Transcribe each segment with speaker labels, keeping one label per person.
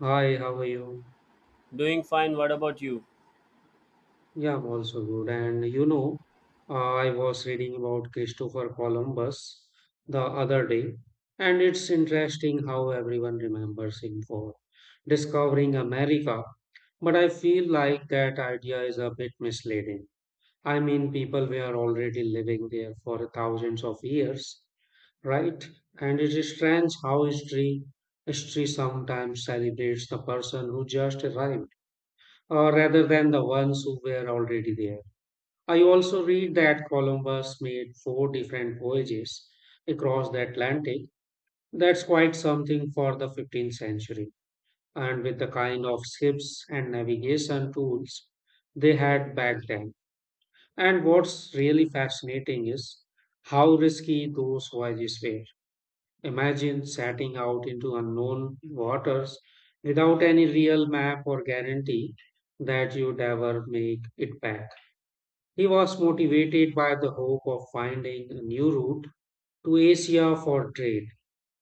Speaker 1: Hi, how are you?
Speaker 2: Doing fine. What about you?
Speaker 1: Yeah, I'm also good. I was reading about Christopher Columbus the other day, and it's interesting how everyone remembers him for discovering America. But I feel like that idea is a bit misleading. I mean, people were already living there for thousands of years, right? And it is strange how history sometimes celebrates the person who just arrived, rather than the ones who were already there. I also read that Columbus made four different voyages across the Atlantic. That's quite something for the 15th century, and with the kind of ships and navigation tools they had back then. And what's really fascinating is how risky those voyages were. Imagine setting out into unknown waters without any real map or guarantee that you'd ever make it back. He was motivated by the hope of finding a new route to Asia for trade,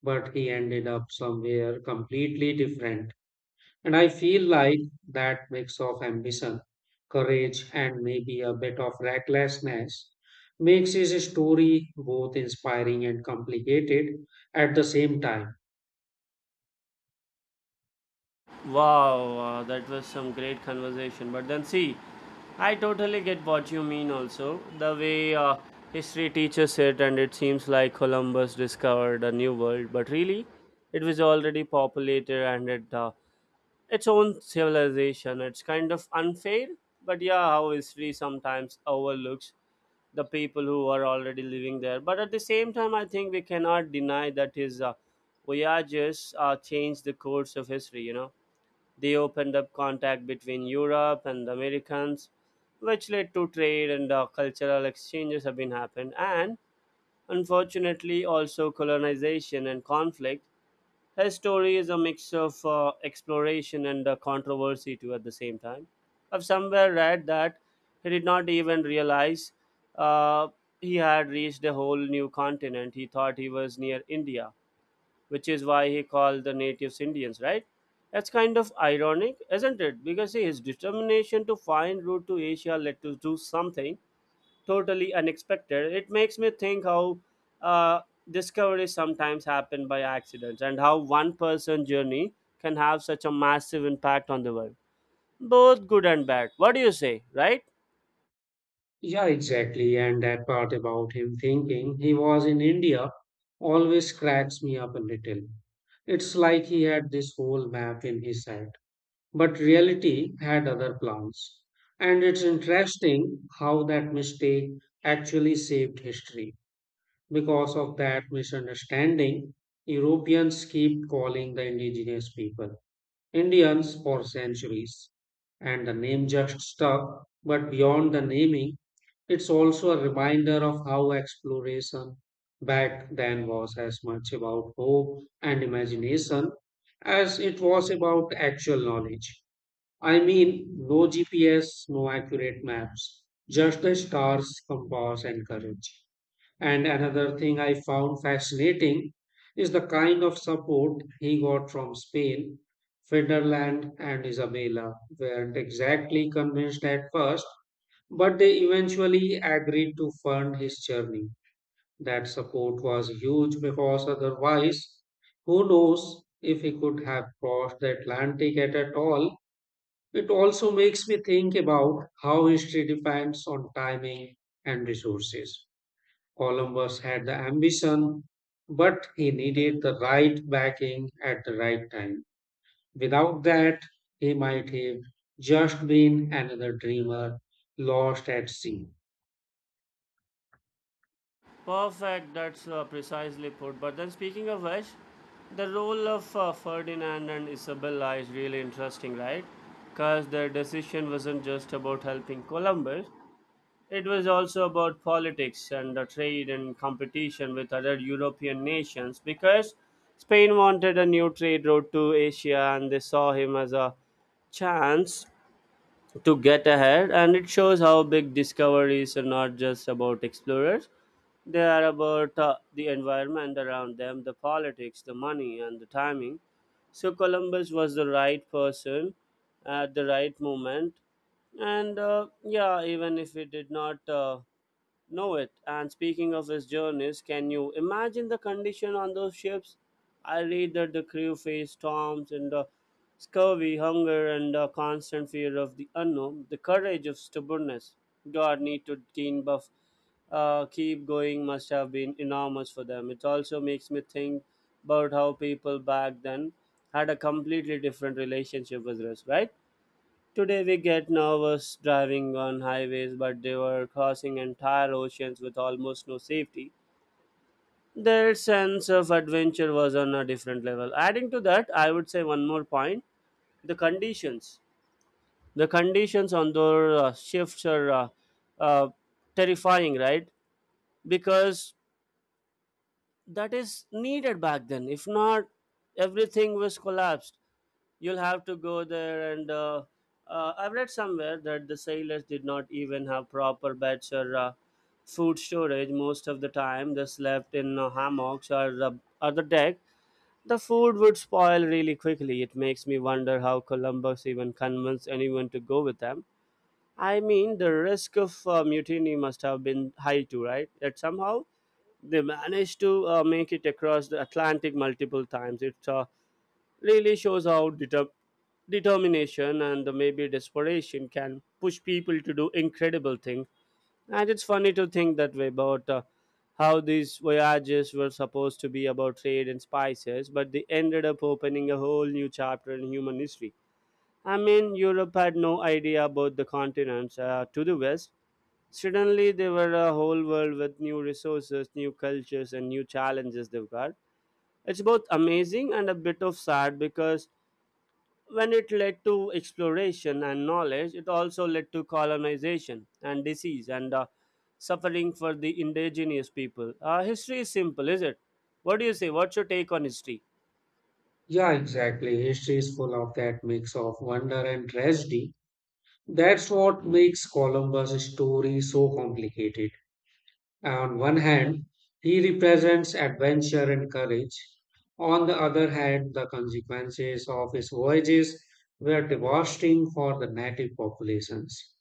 Speaker 1: but he ended up somewhere completely different. And I feel like that mix of ambition, courage, and maybe a bit of recklessness makes his story both inspiring and complicated at the same time.
Speaker 2: Wow, that was some great conversation. But then, see, I totally get what you mean also. The way history teaches it, and it seems like Columbus discovered a new world, but really, it was already populated and it its own civilization. It's kind of unfair, but yeah, how history sometimes overlooks the people who are already living there. But at the same time, I think we cannot deny that his voyages changed the course of history. You know, they opened up contact between Europe and the Americans, which led to trade and cultural exchanges have been happened, and unfortunately also colonization and conflict his story is a mix of exploration and controversy too at the same time. I've somewhere read that he did not even realize uh, he had reached a whole new continent. He thought he was near India, which is why he called the natives Indians, right? That's kind of ironic, isn't it? Because see, his determination to find route to Asia led to do something totally unexpected. It makes me think how uh, discoveries sometimes happen by accidents and how one person journey can have such a massive impact on the world. Both good and bad. What do you say, right?
Speaker 1: Yeah, exactly. And that part about him thinking he was in India always cracks me up a little. It's like he had this whole map in his head, but reality had other plans. And it's interesting how that mistake actually saved history. Because of that misunderstanding, Europeans keep calling the indigenous people Indians for centuries, and the name just stuck. But beyond the naming, it's also a reminder of how exploration back then was as much about hope and imagination as it was about actual knowledge. I mean, no GPS, no accurate maps, just the stars, compass, and courage. And another thing I found fascinating is the kind of support he got from Spain. Federland and Isabella weren't exactly convinced at first, but they eventually agreed to fund his journey. That support was huge, because otherwise, who knows if he could have crossed the Atlantic at all. It also makes me think about how history depends on timing and resources. Columbus had the ambition, but he needed the right backing at the right time. Without that, he might have just been another dreamer lost at sea.
Speaker 2: Perfect, that's precisely put. But then, speaking of which, the role of Ferdinand and Isabella is really interesting, right? Because their decision wasn't just about helping Columbus, it was also about politics and the trade and competition with other European nations because Spain wanted a new trade route to Asia and they saw him as a chance to get ahead. And it shows how big discoveries are not just about explorers they are about the environment around them, the politics, the money, and the timing. So Columbus was the right person at the right moment. And yeah, even if we did not know it. And speaking of his journeys, can you imagine the condition on those ships? I read that the crew faced storms and scurvy, hunger, and constant fear of the unknown, the courage of stubbornness. God need to gain buff keep going must have been enormous for them. It also makes me think about how people back then had a completely different relationship with risk, right? Today we get nervous driving on highways, but they were crossing entire oceans with almost no safety. Their sense of adventure was on a different level. Adding to that, I would say one more point the conditions. the conditions on those shifts are uh, terrifying, right? Because that is needed back then if not everything was collapsed you'll have to go there and I've read somewhere that the sailors did not even have proper beds or food storage most of the time they slept in hammocks or or the deck the food would spoil really quickly it makes me wonder how Columbus even convinced anyone to go with them. I mean the risk of mutiny must have been high too right yet somehow they managed to make it across the Atlantic multiple times. It really shows how determination and the maybe desperation can push people to do incredible things. And it's funny to think that way about how these voyages were supposed to be about trade and spices, but they ended up opening a whole new chapter in human history. I mean, Europe had no idea about the continents to the west. Suddenly, they were a whole world with new resources, new cultures, and new challenges they've got. It's both amazing and a bit of sad because when it led to exploration and knowledge, it also led to colonization and disease and suffering for the indigenous people. History is simple, is it? What do you say? What's your take on history?
Speaker 1: Yeah, exactly. History is full of that mix of wonder and tragedy. That's what makes Columbus' story so complicated. On one hand, he represents adventure and courage. On the other hand, the consequences of his voyages were devastating for the native populations.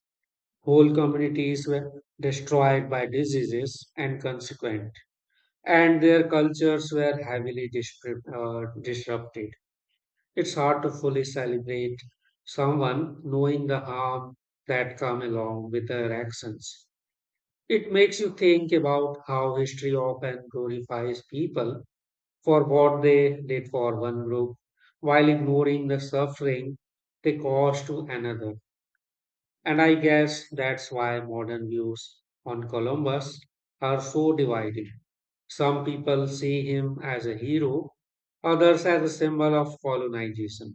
Speaker 1: Whole communities were destroyed by diseases and consequent, and their cultures were heavily disrupted. It's hard to fully celebrate someone knowing the harm that come along with their actions. It makes you think about how history often glorifies people for what they did for one group while ignoring the suffering they caused to another. And I guess that's why modern views on Columbus are so divided. Some people see him as a hero, others as a symbol of colonization.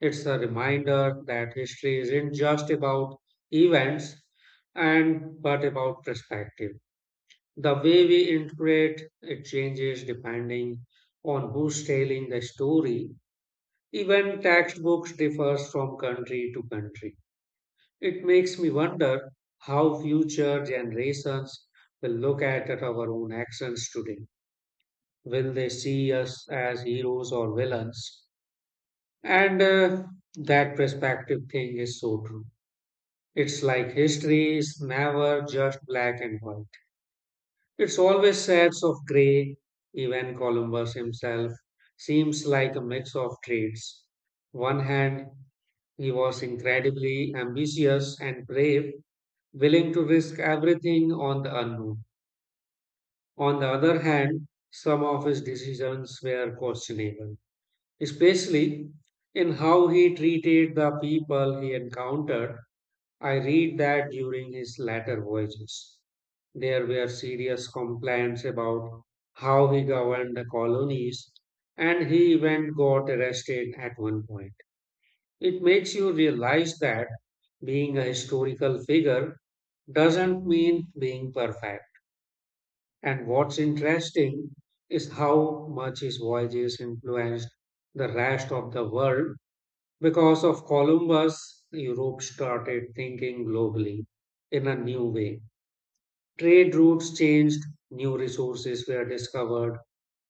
Speaker 1: It's a reminder that history isn't just about events and but about perspective. The way we interpret it changes depending on who's telling the story. Even textbooks differs from country to country. It makes me wonder how future generations will look at our own actions today. Will they see us as heroes or villains? And That perspective thing is so true. It's like history is never just black and white. It's always shades of grey. Even Columbus himself seems like a mix of traits. One hand, he was incredibly ambitious and brave, willing to risk everything on the unknown. On the other hand, some of his decisions were questionable, especially in how he treated the people he encountered. I read that during his later voyages, there were serious complaints about how he governed the colonies, and he even got arrested at one point. It makes you realize that being a historical figure doesn't mean being perfect. And what's interesting is how much his voyages influenced the rest of the world. Because of Columbus, Europe started thinking globally in a new way. Trade routes changed, new resources were discovered,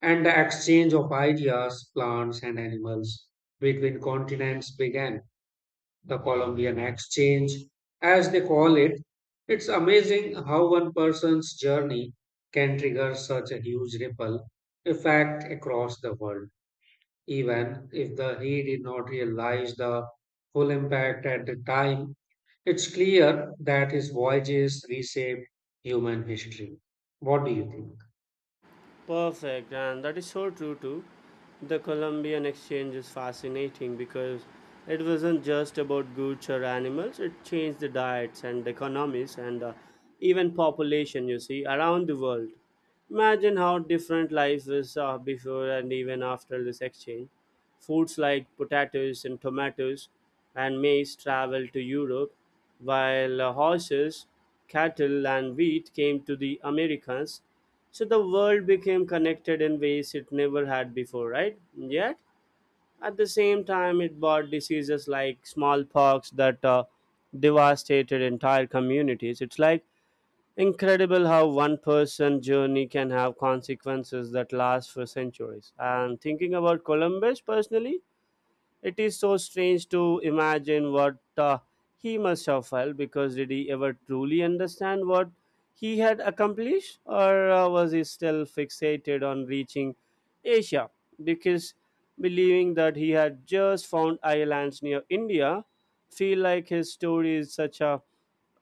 Speaker 1: and the exchange of ideas, plants, and animals between continents began. The Columbian Exchange, as they call it, it's amazing how one person's journey can trigger such a huge ripple effect across the world, even if the he did not realize the full impact at the time. It's clear that his voyages reshaped human history. What do you think?
Speaker 2: Perfect, and that is so true too. The Columbian exchange is fascinating because it wasn't just about goods or animals, it changed the diets and economies and even population, you see, around the world. Imagine how different life is before and even after this exchange. Foods like potatoes and tomatoes and maize traveled to Europe, while horses, cattle, and wheat came to the Americas. So the world became connected in ways it never had before, right? Yet, at the same time, it brought diseases like smallpox that devastated entire communities. It's like incredible how one person journey can have consequences that last for centuries. And thinking about Columbus personally, it is so strange to imagine what he must have felt because did he ever truly understand what he had accomplished or was he still fixated on reaching Asia? Because believing that he had just found islands near India, feel like his story is such a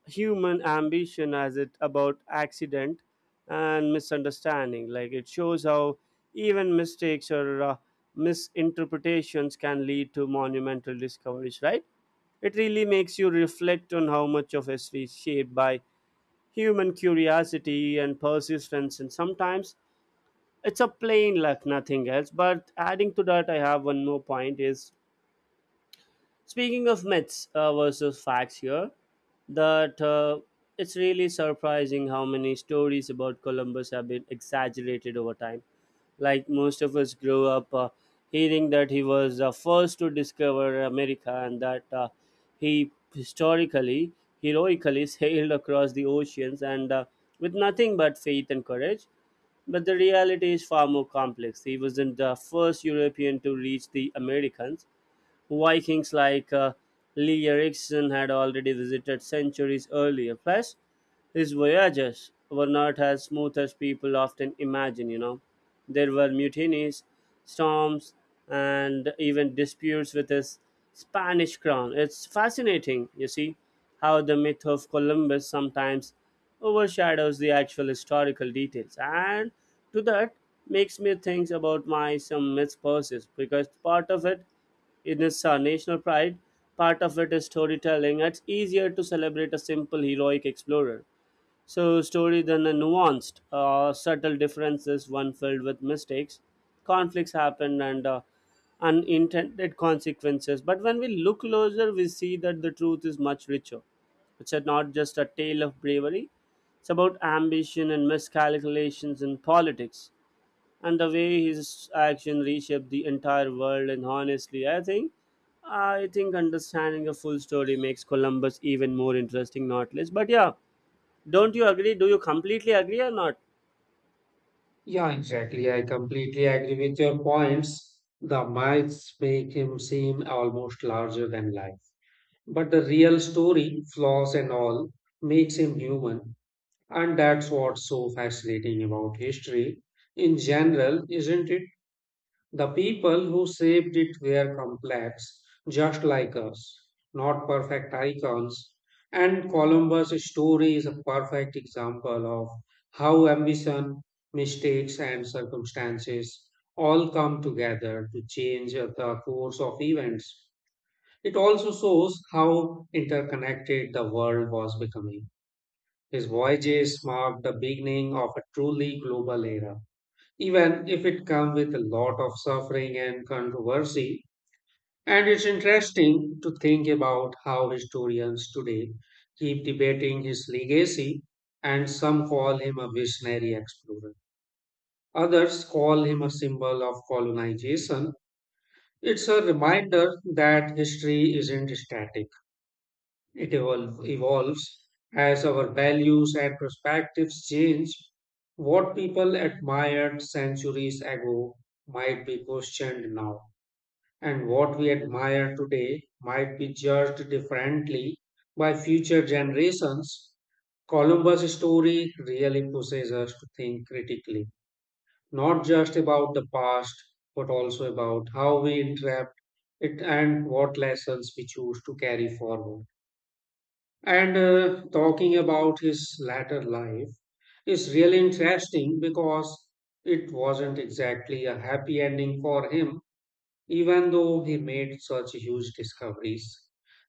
Speaker 2: human ambition as it about accident and misunderstanding like it shows how even mistakes or misinterpretations can lead to monumental discoveries right it really makes you reflect on how much of history is shaped by human curiosity and persistence and sometimes it's a plain luck nothing else but adding to that I have one more point is speaking of myths versus facts here, that it's really surprising how many stories about Columbus have been exaggerated over time. Like most of us grew up hearing that he was the first to discover America and that he historically, heroically sailed across the oceans and with nothing but faith and courage. But the reality is far more complex. He wasn't the first European to reach the Americans. Vikings like Lee Erikson had already visited centuries earlier. Plus, his voyages were not as smooth as people often imagine, you know. There were mutinies, storms, and even disputes with his Spanish crown. It's fascinating, you see, how the myth of Columbus sometimes overshadows the actual historical details. And to that makes me think about my some myths process because part of it it is our national pride. Part of it is storytelling. It's easier to celebrate a simple heroic explorer. So, story than a nuanced, subtle differences, one filled with mistakes, conflicts happen, and unintended consequences. But when we look closer, we see that the truth is much richer. It's a, not just a tale of bravery, it's about ambition and miscalculations in politics and the way his action reshaped the entire world and honestly I think understanding a full story makes Columbus even more interesting not less but yeah don't you agree do you completely agree or not
Speaker 1: Yeah, exactly. I completely agree with your points. The myths make him seem almost larger than life. But the real story, flaws and all, makes him human. And that's what's so fascinating about history in general, isn't it? The people who shaped it were complex, just like us, not perfect icons. And Columbus' story is a perfect example of how ambition, mistakes, and circumstances all come together to change the course of events. It also shows how interconnected the world was becoming. His voyages marked the beginning of a truly global era, even if it comes with a lot of suffering and controversy. And it's interesting to think about how historians today keep debating his legacy, and some call him a visionary explorer. Others call him a symbol of colonization. It's a reminder that history isn't static. It evolves as our values and perspectives change. What people admired centuries ago might be questioned now, and what we admire today might be judged differently by future generations. Columbus' story really pushes us to think critically, not just about the past, but also about how we interpret it and what lessons we choose to carry forward. And Talking about his latter life is really interesting because it wasn't exactly a happy ending for him, even though he made such huge discoveries.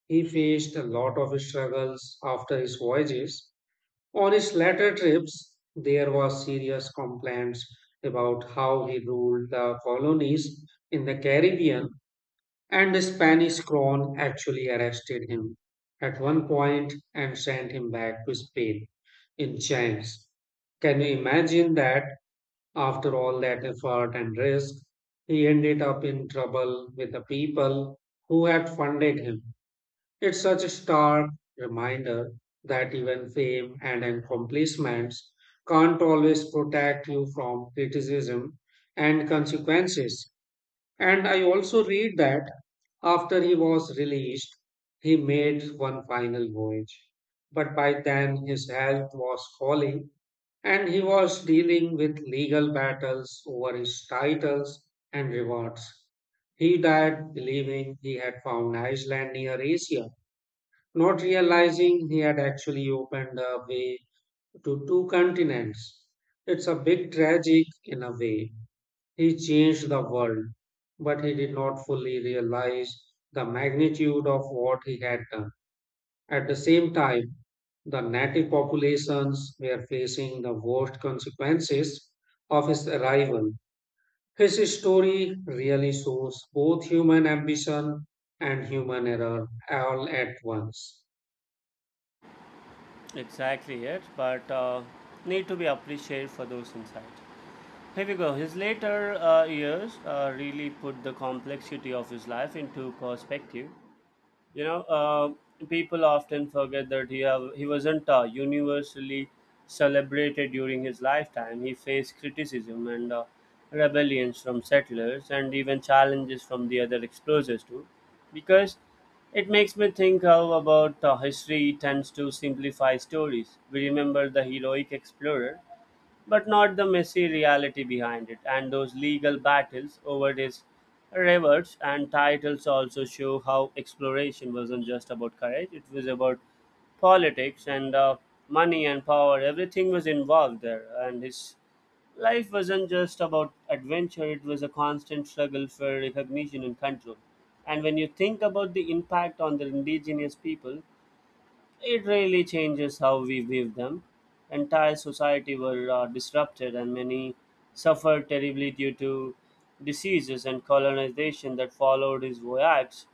Speaker 1: He faced a lot of struggles after his voyages. On his latter trips, there were serious complaints about how he ruled the colonies in the Caribbean, and the Spanish crown actually arrested him at one point and sent him back to Spain in chains. Can you imagine that after all that effort and risk, he ended up in trouble with the people who had funded him? It's such a stark reminder that even fame and accomplishments can't always protect you from criticism and consequences. And I also read that after he was released, he made one final voyage. But by then, his health was falling and he was dealing with legal battles over his titles and rewards. He died believing he had found Iceland near Asia, not realizing he had actually opened a way to two continents. It's a bit tragic in a way. He changed the world, but he did not fully realize the magnitude of what he had done. At the same time, the native populations were facing the worst consequences of his arrival. His story really shows both human ambition and human error all at once.
Speaker 2: exactly it, but need to be appreciated for those insights here we go his later years really put the complexity of his life into perspective you know people often forget that he wasn't universally celebrated during his lifetime he faced criticism and rebellions from settlers and even challenges from the other explorers too because it makes me think how about history tends to simplify stories we remember the heroic explorer but not the messy reality behind it. And those legal battles over these rewards and titles also show how exploration wasn't just about courage, it was about politics and money and power. Everything was involved there, and his life wasn't just about adventure, it was a constant struggle for recognition and control. And when you think about the impact on the indigenous people, it really changes how we view them. Entire society were disrupted, and many suffered terribly due to diseases and colonization that followed his voyage.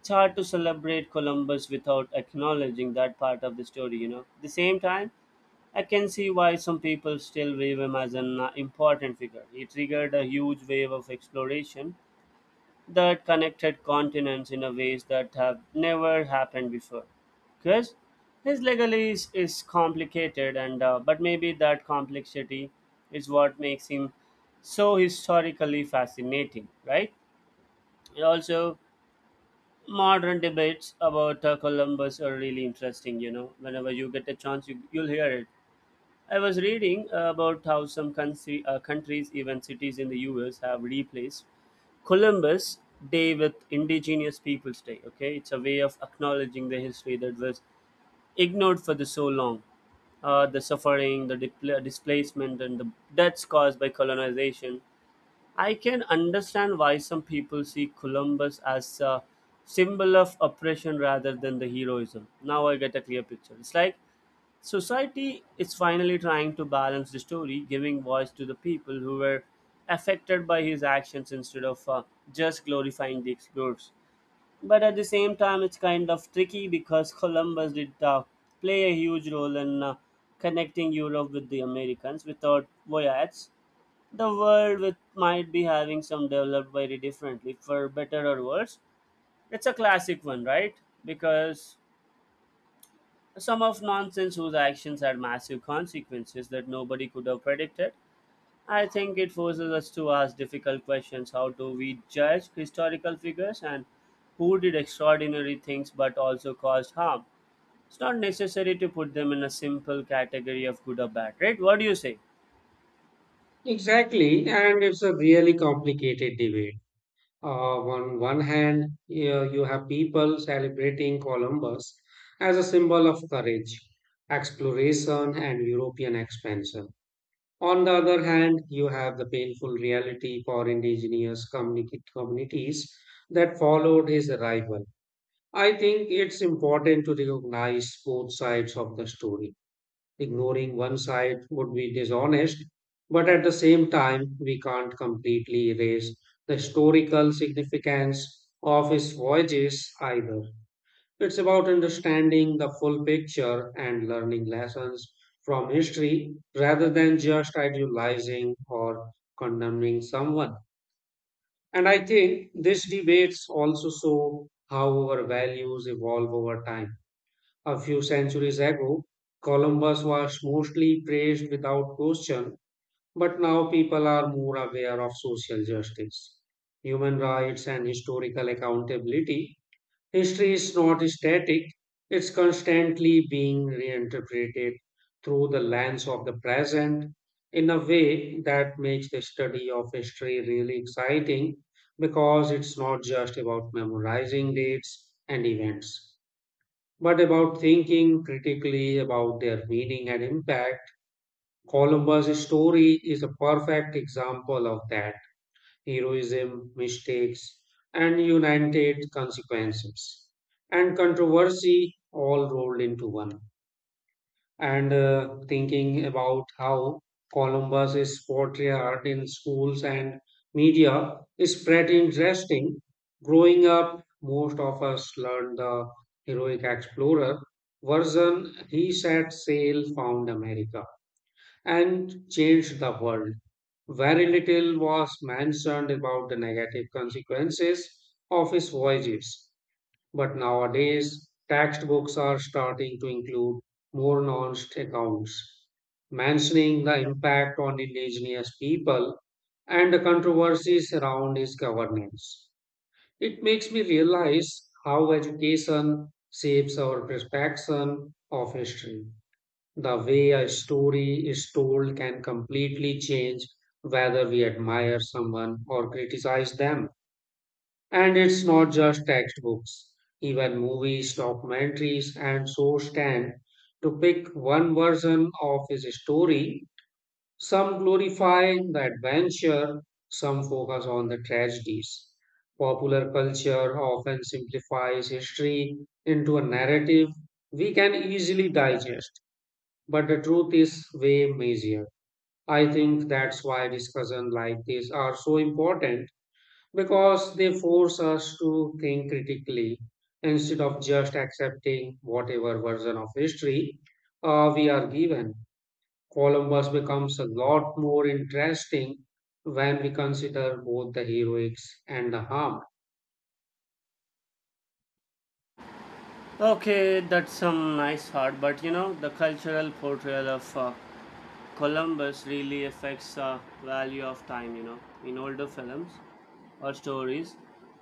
Speaker 2: It's hard to celebrate Columbus without acknowledging that part of the story, you know. At the same time, I can see why some people still view him as an important figure. He triggered a huge wave of exploration that connected continents in a ways that have never happened before. Because his legally is complicated, and but maybe that complexity is what makes him so historically fascinating, right? Also, modern debates about Columbus are really interesting. You know, whenever you get a chance, you'll hear it. I was reading about how some countries, even cities in the U.S., have replaced Columbus Day with Indigenous Peoples Day. Okay, it's a way of acknowledging the history that was ignored for the so long, the suffering, the displacement, and the deaths caused by colonization. I can understand why some people see Columbus as a symbol of oppression rather than the heroism. Now I get a clear picture. It's like society is finally trying to balance the story, giving voice to the people who were affected by his actions instead of just glorifying the explorers. But at the same time, it's kind of tricky because Columbus did play a huge role in connecting Europe with the Americans. Without voyages, the world with, might be having some developed very differently, for better or worse. It's a classic one, right? Because some of nonsense whose actions had massive consequences that nobody could have predicted. I think it forces us to ask difficult questions. How do we judge historical figures and who did extraordinary things but also caused harm? It's not necessary to put them in a simple category of good or bad, right? What do you say?
Speaker 1: Exactly, and it's a really complicated debate. On one hand, you have people celebrating Columbus as a symbol of courage, exploration, and European expansion. On the other hand, you have the painful reality for indigenous communities that followed his arrival. I think it's important to recognize both sides of the story. Ignoring one side would be dishonest, but at the same time, we can't completely erase the historical significance of his voyages either. It's about understanding the full picture and learning lessons from history rather than just idealizing or condemning someone. And I think these debates also show how our values evolve over time. A few centuries ago, Columbus was mostly praised without question, but now people are more aware of social justice, human rights, and historical accountability. History is not static, it's constantly being reinterpreted through the lens of the present in a way that makes the study of history really exciting because it's not just about memorizing dates and events, but about thinking critically about their meaning and impact. Columbus' story is a perfect example of that: heroism, mistakes, and united consequences, and controversy all rolled into one. And thinking about how Columbus is portrayed in schools and media is pretty interesting. Growing up, most of us learned the heroic explorer version. He set sail, found America, and changed the world. Very little was mentioned about the negative consequences of his voyages. But nowadays, textbooks are starting to include more nuanced accounts, mentioning the impact on indigenous people and the controversies around its governance. It makes me realize how education shapes our perception of history. The way a story is told can completely change whether we admire someone or criticize them. And it's not just textbooks, even movies, documentaries, and so tend to pick one version of his story. Some glorify the adventure, some focus on the tragedies. Popular culture often simplifies history into a narrative we can easily digest, but the truth is way messier. I think that's why discussions like this are so important, because they force us to think critically instead of just accepting whatever version of history we are given. Columbus becomes a lot more interesting when we consider both the heroics and the harm.
Speaker 2: Okay, that's some nice thought, but you know, the cultural portrayal of Columbus really affects the value of time, you know, in older films or stories,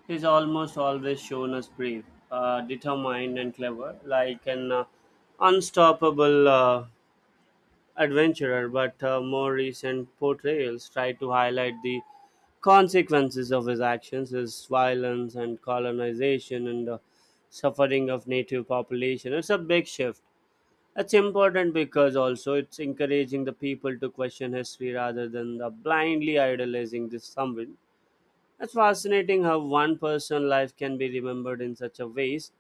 Speaker 2: he's almost always shown as brave, determined, and clever, like an unstoppable adventurer. But more recent portrayals try to highlight the consequences of his actions, his violence and colonization, and the suffering of native population. It's a big shift. It's important because also it's encouraging the people to question history rather than the blindly idolizing this someone it's fascinating how one person's life can be remembered in such a ways,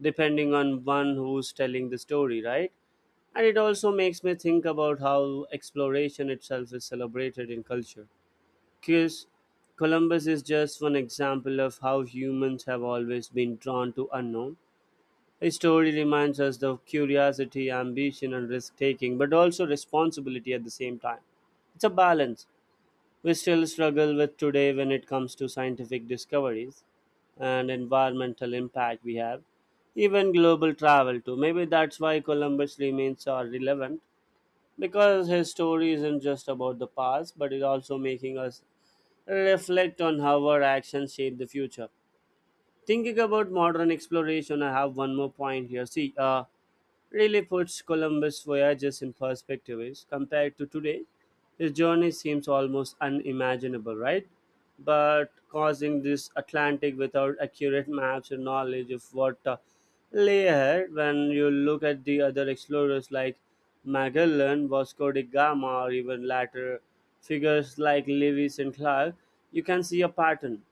Speaker 2: depending on one who's telling the story, right? And it also makes me think about how exploration itself is celebrated in culture. Because Columbus is just one example of how humans have always been drawn to unknown. His story reminds us of curiosity, ambition, and risk taking, but also responsibility at the same time. It's a balance we still struggle with today when it comes to scientific discoveries and environmental impact we have, even global travel too. Maybe that's why Columbus remains are relevant because his story isn't just about the past, but it's also making us reflect on how our actions shape the future. Thinking about modern exploration, I have one more point here. See, really puts Columbus' voyages in perspective. Is compared to today, his journey seems almost unimaginable, right? But crossing this Atlantic without accurate maps and knowledge of what lay ahead, when you look at the other explorers like Magellan, Vasco da Gama, or even later figures like Lewis and Clark, you can see a pattern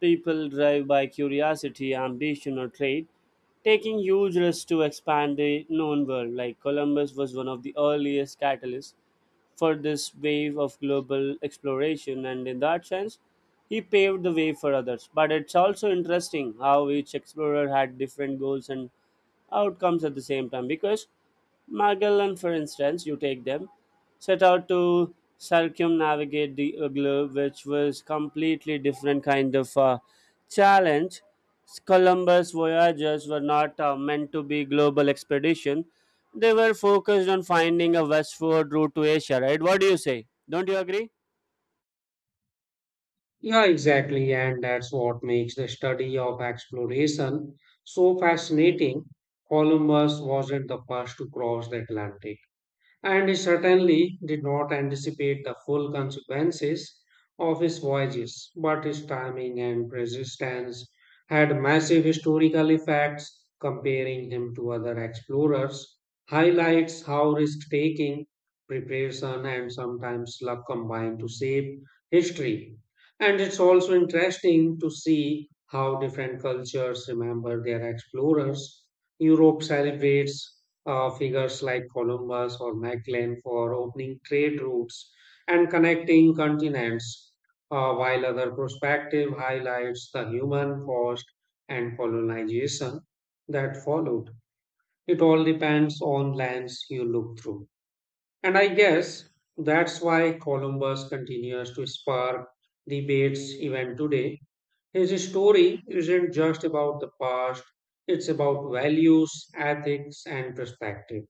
Speaker 2: People drive by curiosity, ambition, or trade, taking huge risks to expand the known world. Like Columbus was one of the earliest catalysts for this wave of global exploration, and in that sense, he paved the way for others. But it's also interesting how each explorer had different goals and outcomes at the same time because Magellan, for instance, you take them, set out to circumnavigate the globe, which was completely different kind of challenge. Columbus voyages were not meant to be global expedition. They were focused on finding a westward route to Asia, right? What do you say? Don't you agree?
Speaker 1: Yeah, exactly. And that's what makes the study of exploration so fascinating. Columbus wasn't the first to cross the Atlantic, and he certainly did not anticipate the full consequences of his voyages, but his timing and persistence had massive historical effects. Comparing him to other explorers highlights how risk taking, preparation, and sometimes luck combine to shape history. And it's also interesting to see how different cultures remember their explorers. Europe celebrates figures like Columbus or Magellan for opening trade routes and connecting continents, while other perspective highlights the human cost and colonization that followed. It all depends on lens you look through. And I guess that's why Columbus continues to spark debates even today. His story isn't just about the past, it's about values, ethics, and perspective.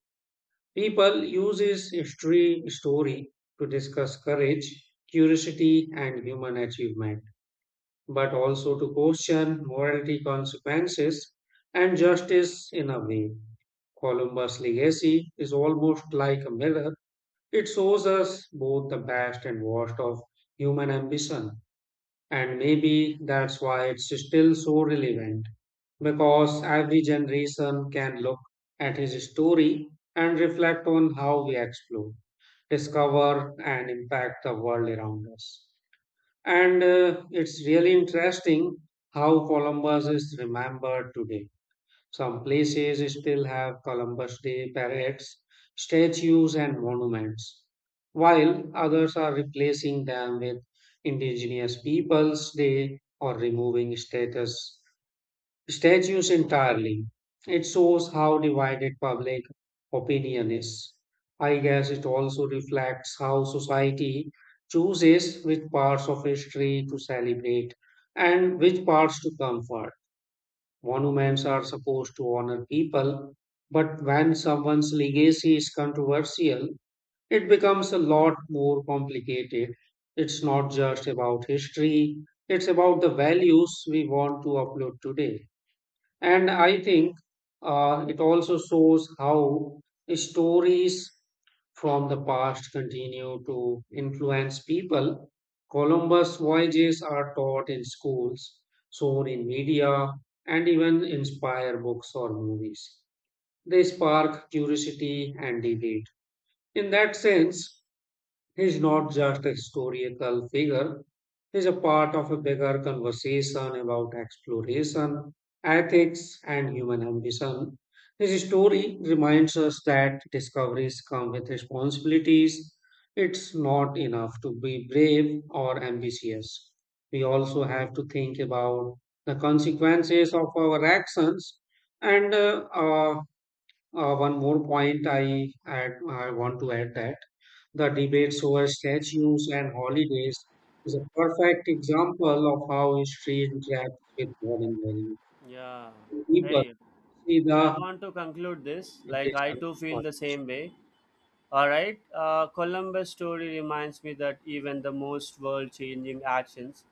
Speaker 1: People use his history story to discuss courage, curiosity, and human achievement, but also to question morality consequences and justice in a way. Columbus' legacy is almost like a mirror. It shows us both the best and worst of human ambition. And maybe that's why it's still so relevant, because every generation can look at his story and reflect on how we explore, discover, and impact the world around us. And it's really interesting how Columbus is remembered today. Some places still have Columbus Day parades, statues, and monuments, while others are replacing them with Indigenous Peoples Day or removing status statues entirely. It shows how divided public opinion is. I guess it also reflects how society chooses which parts of history to celebrate and which parts to comfort. Monuments are supposed to honor people, but when someone's legacy is controversial, it becomes a lot more complicated. It's not just about history, it's about the values we want to upload today. And I think it also shows how stories from the past continue to influence people. Columbus voyages are taught in schools, shown in media, and even inspire books or movies. They spark curiosity and debate. In that sense, he's not just a historical figure, he's a part of a bigger conversation about exploration, ethics, and human ambition. His story reminds us that discoveries come with responsibilities. It's not enough to be brave or ambitious. We also have to think about the consequences of our actions. And One more point I, I want to add, that the debates over statues and holidays is a perfect example of how history interacts with modern values.
Speaker 2: Yeah.
Speaker 1: People
Speaker 2: Hey,
Speaker 1: see
Speaker 2: I
Speaker 1: the
Speaker 2: want to conclude this. Like, I
Speaker 1: interpretation of
Speaker 2: too feel
Speaker 1: God.
Speaker 2: the same way. All right. Columbus' story reminds me that even the most world changing actions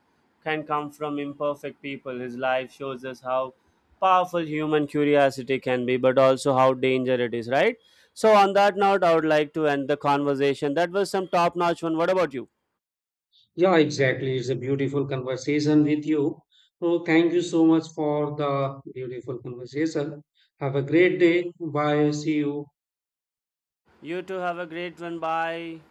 Speaker 2: can come from imperfect people. His life shows us how powerful human curiosity can be, but also how dangerous it is, right? So, on that note, I would like to end the conversation. That was some top notch one. What about you?
Speaker 1: Yeah, exactly. It's a beautiful conversation with you. So thank you so much for the beautiful conversation. Have a great day. Bye. See you.
Speaker 2: You too have a great one. Bye.